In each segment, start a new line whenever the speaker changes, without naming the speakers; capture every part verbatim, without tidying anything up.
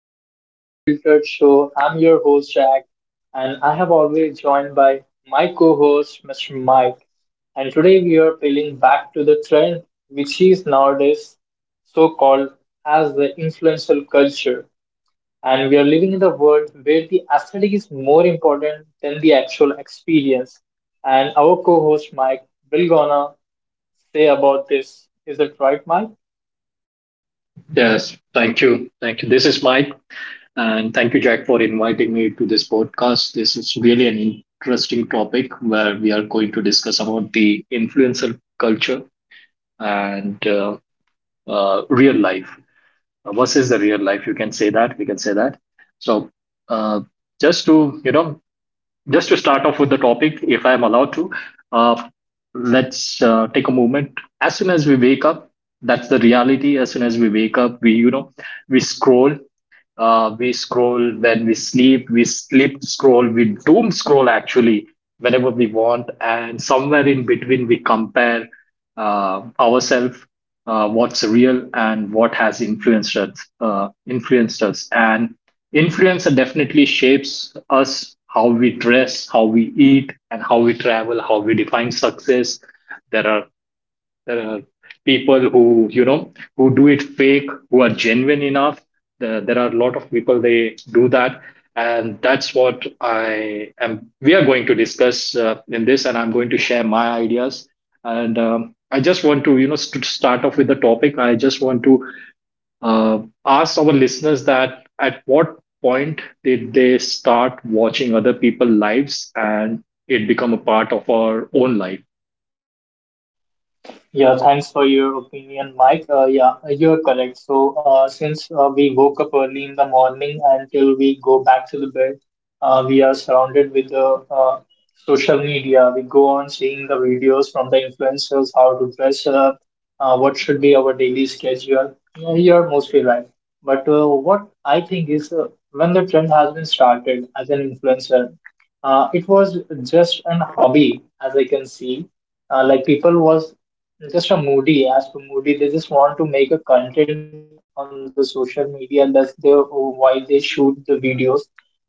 back to the Unfiltered Show. I'm your host, Jack, and I have always joined by my co host, Mister Mike. And today we are peeling back to the trend, which is nowadays so called as the influential culture. And we are living in the world where the aesthetic is more important than the actual experience. And our co host, Mike, will gonna say about this. Is it right, Mike?
Yes, thank you. Thank you. This is Mike, and thank you, Jack, for inviting me to this podcast. This is really an interesting topic where we are going to discuss about the influencer culture and uh, uh, real life Uh, versus the real life. You can say that. We can say that. So, uh, just to you know, just to start off with the topic, if I am allowed to, uh, let's uh, take a moment. As soon as we wake up, that's the reality. As soon as we wake up, we you know we scroll uh, we scroll. When we sleep, we sleep scroll, we doom scroll actually whenever we want, and somewhere in between we compare uh, ourselves, uh, what's real and what has influenced us, uh, influenced us. And influencer definitely shapes us how we dress, how we eat, and how we travel, how we define success. There are there are people who you know who do it fake, who are genuine enough. There, there are a lot of people they do that, and that's what I am we are going to discuss uh, in this, and I'm going to share my ideas. And um, I just want to you know st- start off with the topic. I just want to uh, ask our listeners that at what point did they start watching other people's lives and it become a part of our own life?
Yeah, thanks for your opinion, Mike. Uh, yeah, you're correct. So, uh, since uh, we woke up early in the morning until we go back to the bed, uh, we are surrounded with the uh, social media. We go on seeing the videos from the influencers, how to dress up, uh, what should be our daily schedule. Yeah, you're mostly right. But uh, what I think is uh, when the trend has been started as an influencer, uh, it was just an hobby, as I can see. Uh, like people was just a moody as for moody, they just want to make a content on the social media. That's the why they shoot the videos.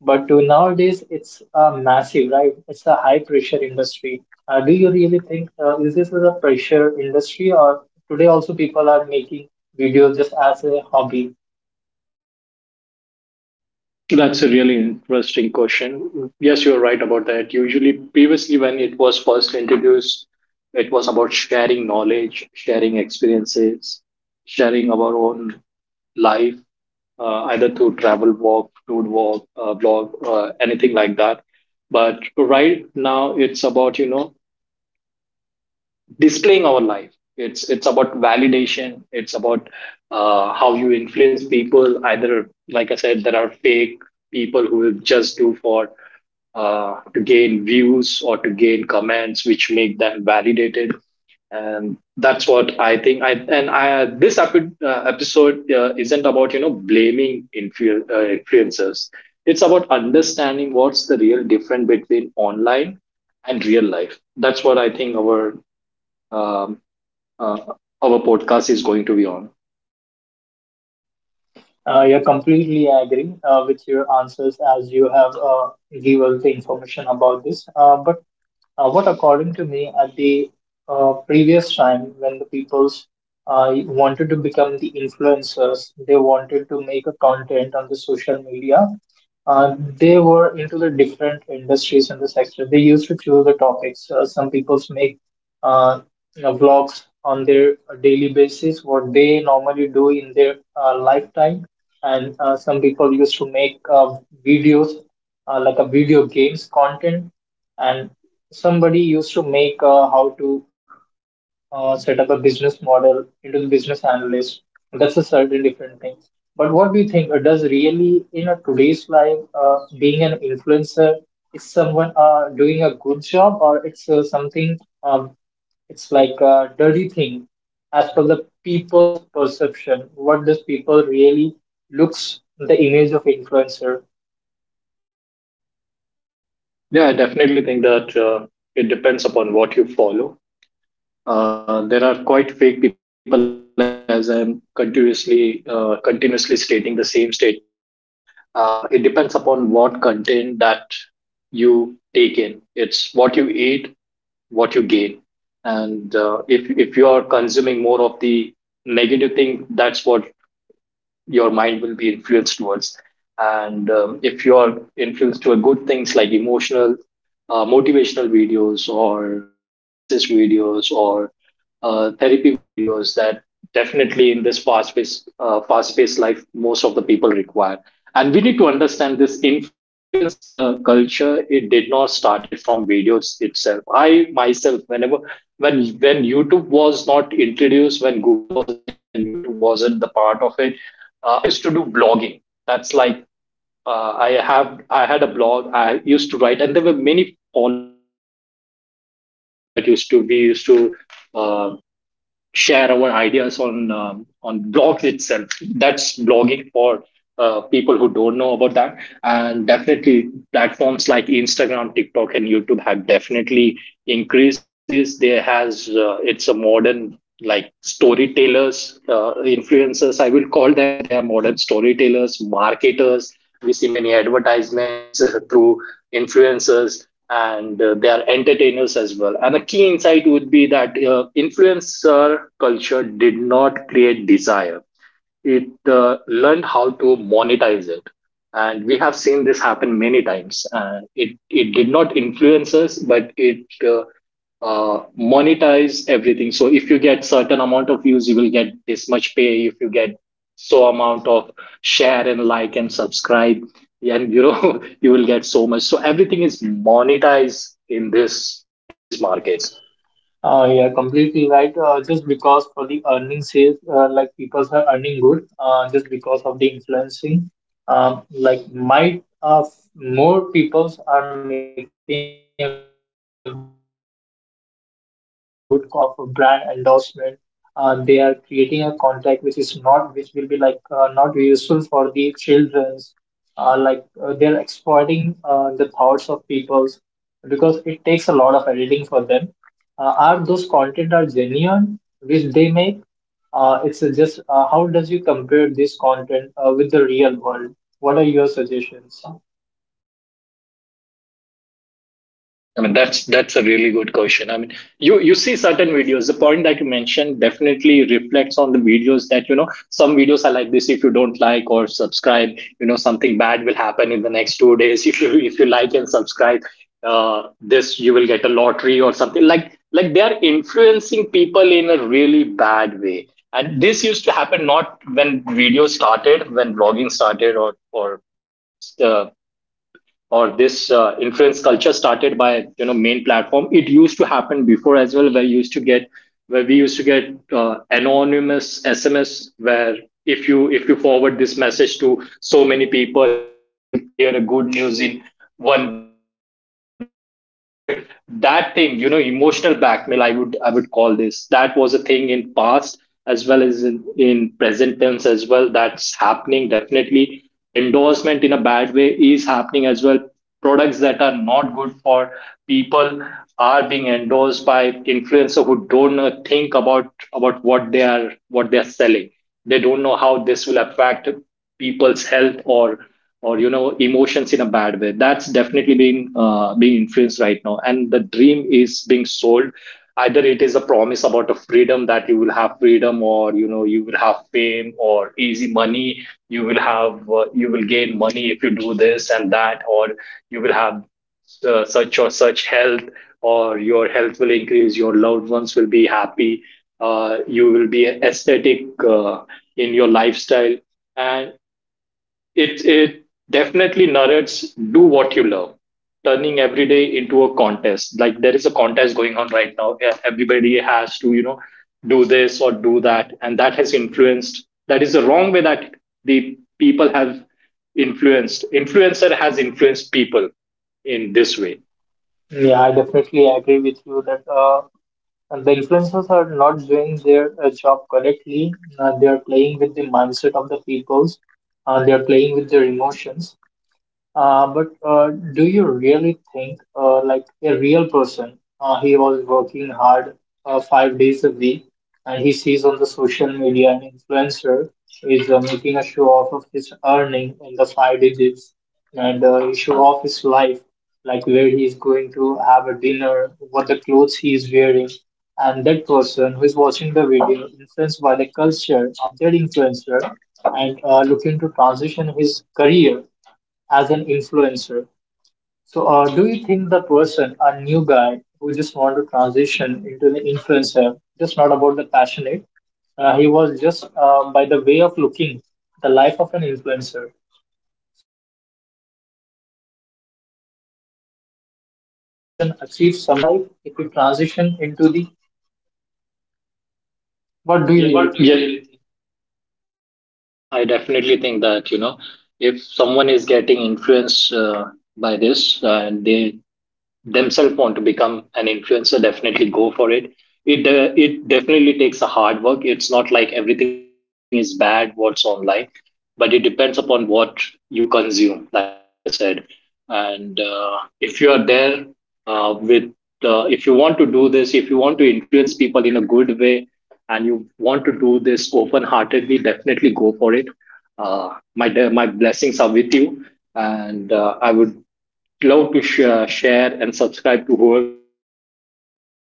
But uh, nowadays it's uh, massive, right? It's a high pressure industry. Uh, do you really think uh, is this is a pressure industry, or today also people are making videos just as a hobby?
That's a really interesting question. Yes, you're right about that. Usually, previously, when it was first introduced, it was about sharing knowledge, sharing experiences, sharing our own life, uh, either through travel walk, food walk, uh, blog, uh, anything like that. But right now, it's about, you know, displaying our life. It's it's about validation. It's about uh, how you influence people. Either, like I said, there are fake people who will just do for uh, to gain views or to gain comments which make them validated. And that's what I think. I and i this epi- uh, episode uh, isn't about you know blaming influ- uh, influencers. It's about understanding what's the real difference between online and real life. That's what I think our um, uh, our podcast is going to be on.
Uh, you're completely agree uh, with your answers as you have uh, given the information about this, uh, but Uh, what, according to me, at the uh, previous time when the people's uh, wanted to become the influencers, they wanted to make a content on the social media. Uh, they were into the different industries in the sector. They used to choose the topics. Uh, some people make uh, you know, vlogs on their daily basis, what they normally do in their uh, lifetime. And uh, some people used to make uh, videos, uh, like a video games content, and somebody used to make uh, how to uh, set up a business model into the business analyst. That's a certain different thing. But what do you think? Uh, Does really in a today's life, uh, being an influencer is someone uh, doing a good job, or it's uh, something? Um, it's like a dirty thing, as per the people's perception. What does people really looks the image of influencer?
Yeah, I definitely think that uh, it depends upon what you follow. Uh, there are quite fake people, as I'm continuously uh, continuously stating the same statement. Uh, it depends upon what content that you take in. It's what you eat, what you gain, and uh, if if you are consuming more of the negative thing, that's what your mind will be influenced towards. And um, if you're influenced toward good things like emotional, uh, motivational videos or uh, success videos or uh, therapy videos, that definitely in this fast-paced, uh, fast-paced life, most of the people require. And we need to understand this influence cl- culture. It did not started from videos itself. I myself, whenever when when YouTube was not introduced, when Google was a thing, when YouTube wasn't the part of it, uh, I used to do blogging. That's like uh, I have I had a blog. I used to write, and there were many followers that uh, that used to follow that used to we used to uh, share our ideas on um, on blogs itself. That's blogging for uh, people who don't know about that. And definitely, platforms like Instagram, TikTok, and YouTube have definitely increased this. There has uh, it's a modern like storytellers, uh, influencers. I will call them. They are modern storytellers, marketers. We see many advertisements through influencers, and uh, they are entertainers as well. And a key insight would be that uh, influencer culture did not create desire, it uh, learned how to monetize it. And we have seen this happen many times. Uh, it it did not influence us, but it uh, uh, monetize everything. So if you get certain amount of views, you will get this much pay. If you get so amount of share and like and subscribe, and you know, you will get so much. So everything is monetized in this in this market.
Uh, yeah, completely right. Uh, just because for the earning sales, uh, like people are earning good, uh, just because of the influencing, um, like might uh, f- more people are making a good content over there. But uh, uh, do you think there are some people just for the sake of a brand endorsement, uh, they are creating a content which is not, which will be like uh, not useful for the childrens. Uh, like uh, they're exploiting uh, the thoughts of people's, because it takes a lot of editing for them. Uh, are those content are genuine which they make? Uh, it's uh, just uh, How does you compare this content uh, with the real world? What are your suggestions?
I mean, that's that's a really good question. I mean, you you see certain videos. The point that you mentioned definitely reflects on the videos that, you know, some videos are like this. If you don't like or subscribe, you know something bad will happen in the next two days. If you if you like and subscribe, uh, this, you will get a lottery or something like like they are influencing people in a really bad way. And this used to happen not when video started, when blogging started, or or uh, or this uh, influence culture started by, you know, main platform. It used to happen before as well, where you used to get where we used to get uh, anonymous sms, where if you if you forward this message to so many people, you will hear a good news in one week. So that that thing, you know, emotional blackmail, i would i would call this. That was a thing in past as well as in, in present tense as well. That's happening definitely. Endorsement in a bad way is happening as well. Products that are not good for people are being endorsed by influencers who don't know, think about about what they are what they are selling. They don't know how this will affect people's health or, or you know, emotions in a bad way. That's definitely being uh, being influenced right now, and the dream is being sold. Either it is a promise about a freedom, that you will have freedom, or, you know, you will have fame or easy money. You will have uh, you will gain money if you do this and that, or you will have uh, such or such health, or your health will increase, your loved ones will be happy, uh, you will be aesthetic uh, in your lifestyle. And it it definitely narrates do what you love, turning every day into a contest. Like there is a contest going on right now, where everybody has to, you know, do this or do that, and that has influenced. That is the wrong way that the people have influenced. Influencer has influenced people in this way.
Yeah, I definitely agree with you that uh, the influencers are not doing their uh, job correctly. Uh, they are playing with the mindset of the peoples. Uh, they are playing with their emotions. Uh, but uh, do you really think, uh, like a real person, uh, he was working hard uh, five days a week, and he sees on the social media an influencer is uh, making a show off of his earning in the five digits, and uh, he show off his life, like where he is going to have a dinner, what the clothes he is wearing, and that person who is watching the video, influenced by the culture of that influencer, and uh, looking to transition his career as an influencer. So, uh, do you think the person, a new guy who just want to transition into the influencer, just not about the passionate, uh, he was just uh, by the way of looking, the life of an influencer. So, what do you really think? Uh, can a person achieve something in his life if he transition into the? What do you really think?
What do you yeah, think? Yeah, I definitely think that, you know, if someone is getting influenced uh, by this uh, and they themselves want to become an influencer, definitely go for it. It uh, it definitely takes a hard work. It's not like everything is bad what's online, but it depends upon what you consume. Like I said, and uh, if you are there uh, with uh, if you want to do this, if you want to influence people in a good way, and you want to do this open heartedly, definitely go for it. Uh, my de- my blessings are with you, and uh, I would love to sh- uh, share and subscribe to whoever is genuine enough,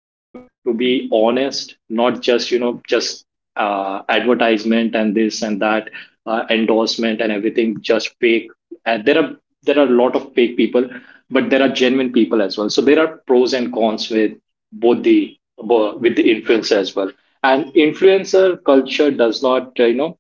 to be honest. Not just, you know, just uh, advertisement and this and that, uh, endorsement and everything just fake. And there are there are a lot of fake people, but there are genuine people as well. So there are pros and cons with both the bo- with the influencer as well. And influencer culture does not uh, you know,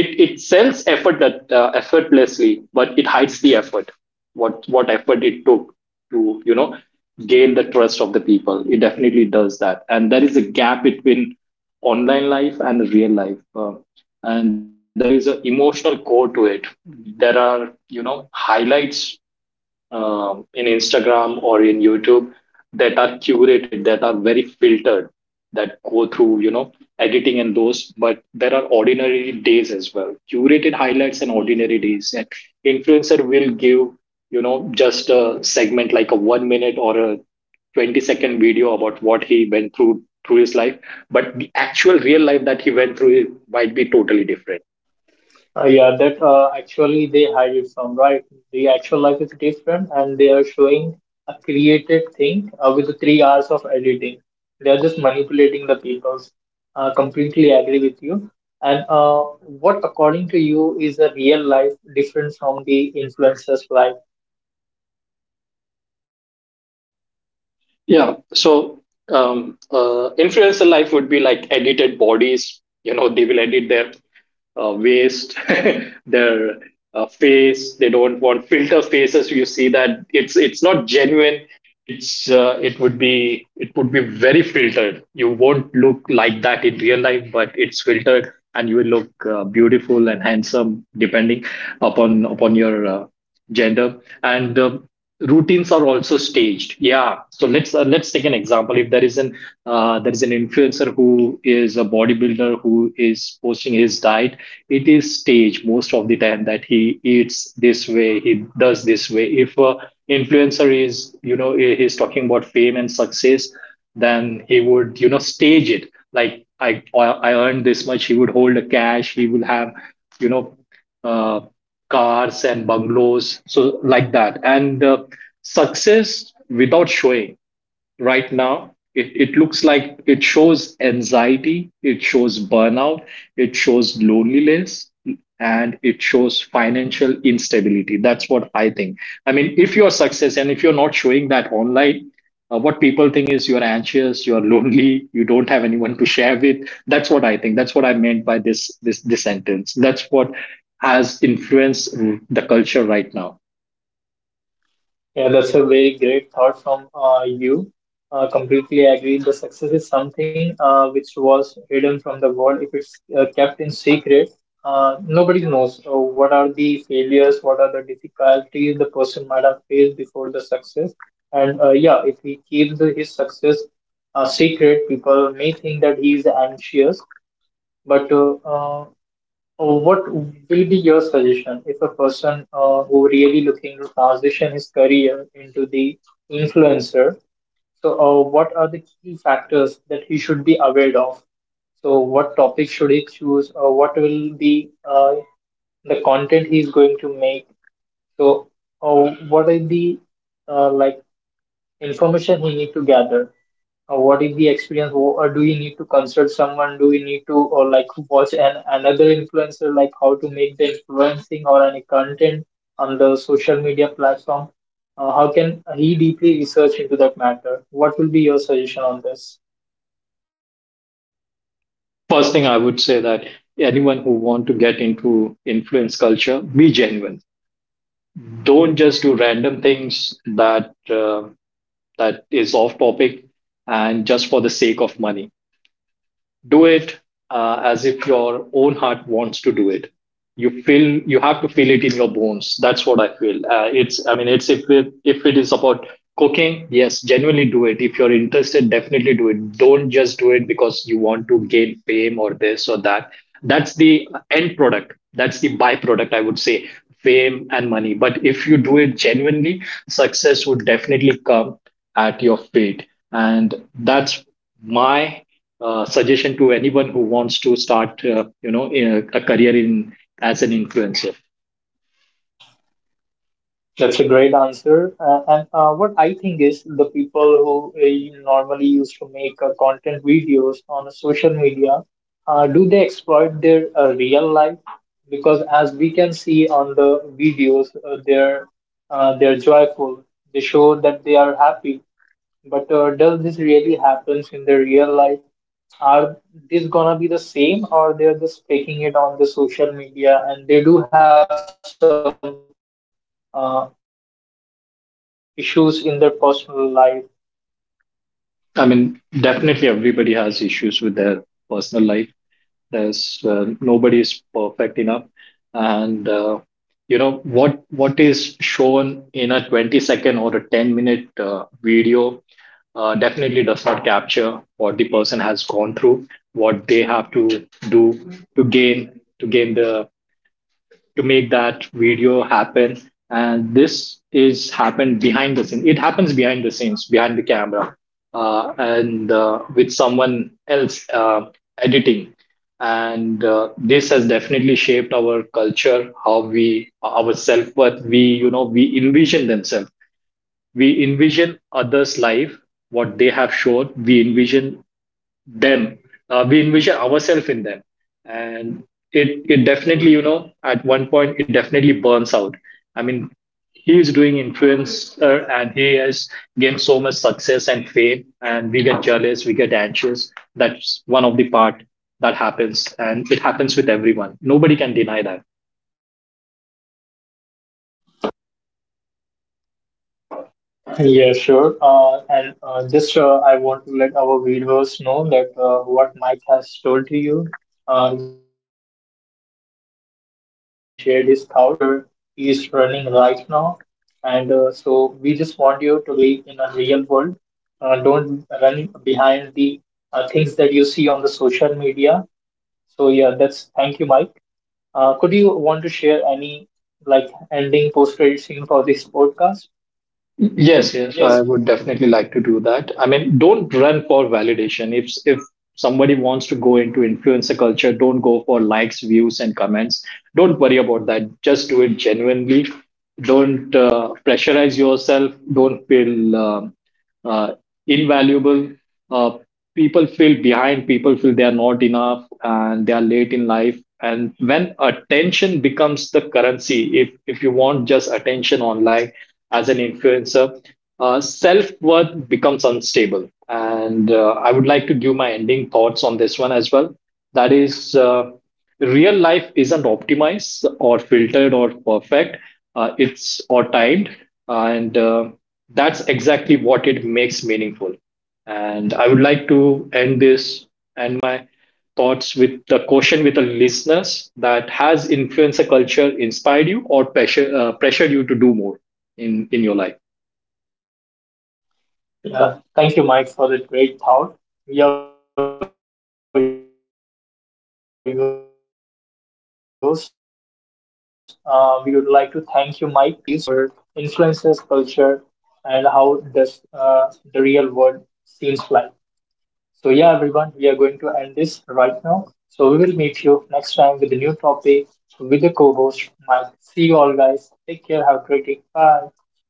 it it sends effort that uh, effortlessly, but it hides the effort. What what effort it took to, you know, gain the trust of the people. It definitely does that, and there is a gap between online life and real life. Uh, and there is an emotional core to it. There are, you know, highlights um, in Instagram or in YouTube that are curated, that are very filtered, that go through, you know, editing and those. But there are ordinary days as well, curated highlights and ordinary days. And influencer will give, you know, just a segment like a one minute or a twenty second video about what he went through through his life, but the actual real life that he went through might be totally different.
Uh, yeah, that uh, actually they hide it from, right? The actual life is different, and they are showing a created thing uh, with the three hours of editing. They are just manipulating the peoples. Uh, completely agree with you. And uh, what, according to you, is the real life different from the influencer's life?
Yeah. So um, uh, influencer life would be like edited bodies. You know, they will edit their uh, waist, their uh, face. They don't want filter faces. You see that it's it's not genuine. It's uh, it would be it would be very filtered. You won't look like that in real life, but it's filtered, and you will look uh, beautiful and handsome depending upon upon your uh, gender, and uh, routines are also staged. Yeah, so let's uh, let's take an example. If there is an uh, there is an influencer who is a bodybuilder who is posting his diet, it is staged most of the time that he eats this way, he does this way. If a influencer is, you know, he- he's talking about fame and success, then he would, you know, stage it like i i earned this much. He would hold a cash, he will have, you know, Uh, cars and bungalows, so like that, and uh, success without showing right now. It, it looks like it shows anxiety, it shows burnout, it shows loneliness, and it shows financial instability. That's what I think. I mean, if you're success and if you're not showing that online, uh, what people think is you're anxious, you're lonely, you don't have anyone to share with. That's what I think. That's what I meant by this this this sentence. That's what has influenced the culture right now.
Yeah, that's a very great thought from uh, you. Uh, completely agree. The success is something uh, which was hidden from the world. If it's uh, kept in secret, uh, nobody knows uh, what are the failures, what are the difficulties the person might have faced before the success. And uh, yeah, if he keeps the, his success uh, secret, people may think that he is anxious. But uh, uh, uh, what will be your suggestion if a person uh, who really looking to transition his career into the influencer? So, uh, what are the key factors that he should be aware of? So, what topic should he choose, or what will be uh, the content he is going to make? So, uh, what are the uh, like information he need to gather? Uh, what is the experience? Wh- or do we need to consult someone, do we need to, or like watch an another influencer, like how to make the influencing or any content on the social media platform? Uh, how can he deeply research into that matter? What will be your suggestion on this?
First thing I would say that anyone who want to get into influence culture, be genuine. Don't just do random things that uh, that is off topic and just for the sake of money, do it uh, as if your own heart wants to do it. You feel, you have to feel it in your bones. That's what I feel. Uh, it's, I mean, it's if it, if it is about cooking, yes, genuinely do it. If you're interested, definitely do it. Don't just do it because you want to gain fame or this or that. That's the end product, that's the byproduct, I would say, fame and money. But if you do it genuinely, success would definitely come at your feet. And that's my uh, suggestion to anyone who wants to start, uh, you know, a, a career in as an influencer.
That's a great answer. Uh, and uh, what I think is the people who uh, normally used to make uh, content videos on social media, uh, do they exploit their uh, real life? Because as we can see on the videos, uh, they're uh, they're joyful. They show that they are happy. But uh, does this really happens in the real life? Are this gonna be the same, or they're just taking it on the social media and they do have some uh, issues in their personal life.
I mean, definitely everybody has issues with their personal life. There's uh, nobody is perfect enough, and uh, you know, what what is shown in a twenty second or a ten minute uh, video uh, definitely does not capture what the person has gone through, what they have to do to gain to gain the, to make that video happen. And this is happened behind the scenes. It happens behind the scenes, behind the camera, uh, and uh, with someone else uh, editing. And uh, this has definitely shaped our culture, how we, our self worth. We, you know, we envision themselves. We envision others' life, what they have shown. We envision them, uh, we envision ourselves in them. And it it definitely, you know, at one point it definitely burns out. I mean, he is doing influencer and he has gained so much success and fame, and we get jealous, we get anxious. That's one of the part that happens, and it happens with everyone. Nobody can deny that.
Yeah, sure. Uh, and uh, just uh, I want to let our viewers know that uh, what Mike has told to you, uh, he shared his thoughts, uh, how the influences culture is running right now. And uh, so we just want you to live in a real world. Uh, don't run behind the uh, things that you see on the social media. So yeah, that's thank you, Mike. Uh, could you want to share any like ending post-credit scene for this podcast?
Yes, yes, I
Yes.
would definitely like to do that. I mean, don't run for validation. If if somebody wants to go into influencer culture, don't go for likes, views, and comments. Don't worry about that. Just do it genuinely. Don't uh, pressurize yourself. Don't feel um uh, invaluable. Uh, People feel behind. People feel they are not enough and they are late in life. And when attention becomes the currency, if if you want just attention online as an influencer, uh, self worth becomes unstable. And uh, I would like to give my ending thoughts on this one as well. That is, uh, real life isn't optimized or filtered or perfect, uh, it's or timed. And uh, that's exactly what it makes meaningful. And I would like to end this and my thoughts with the question with the listeners: that has influencer culture inspired you or pressure, uh, pressured you to do more in in your life?
Uh, thank you, Mike, for that great thought. Here we go. Uh, we would like to thank you, Mike, for joining us today on this pod- podcast and sharing your views on our influences, culture, and how does uh, the real world seems like. So, yeah, everyone, we are going to end this right now. So, we will meet you next time with a new topic with the co host, Mike. See you all, guys. Take care. Have a great day. Bye.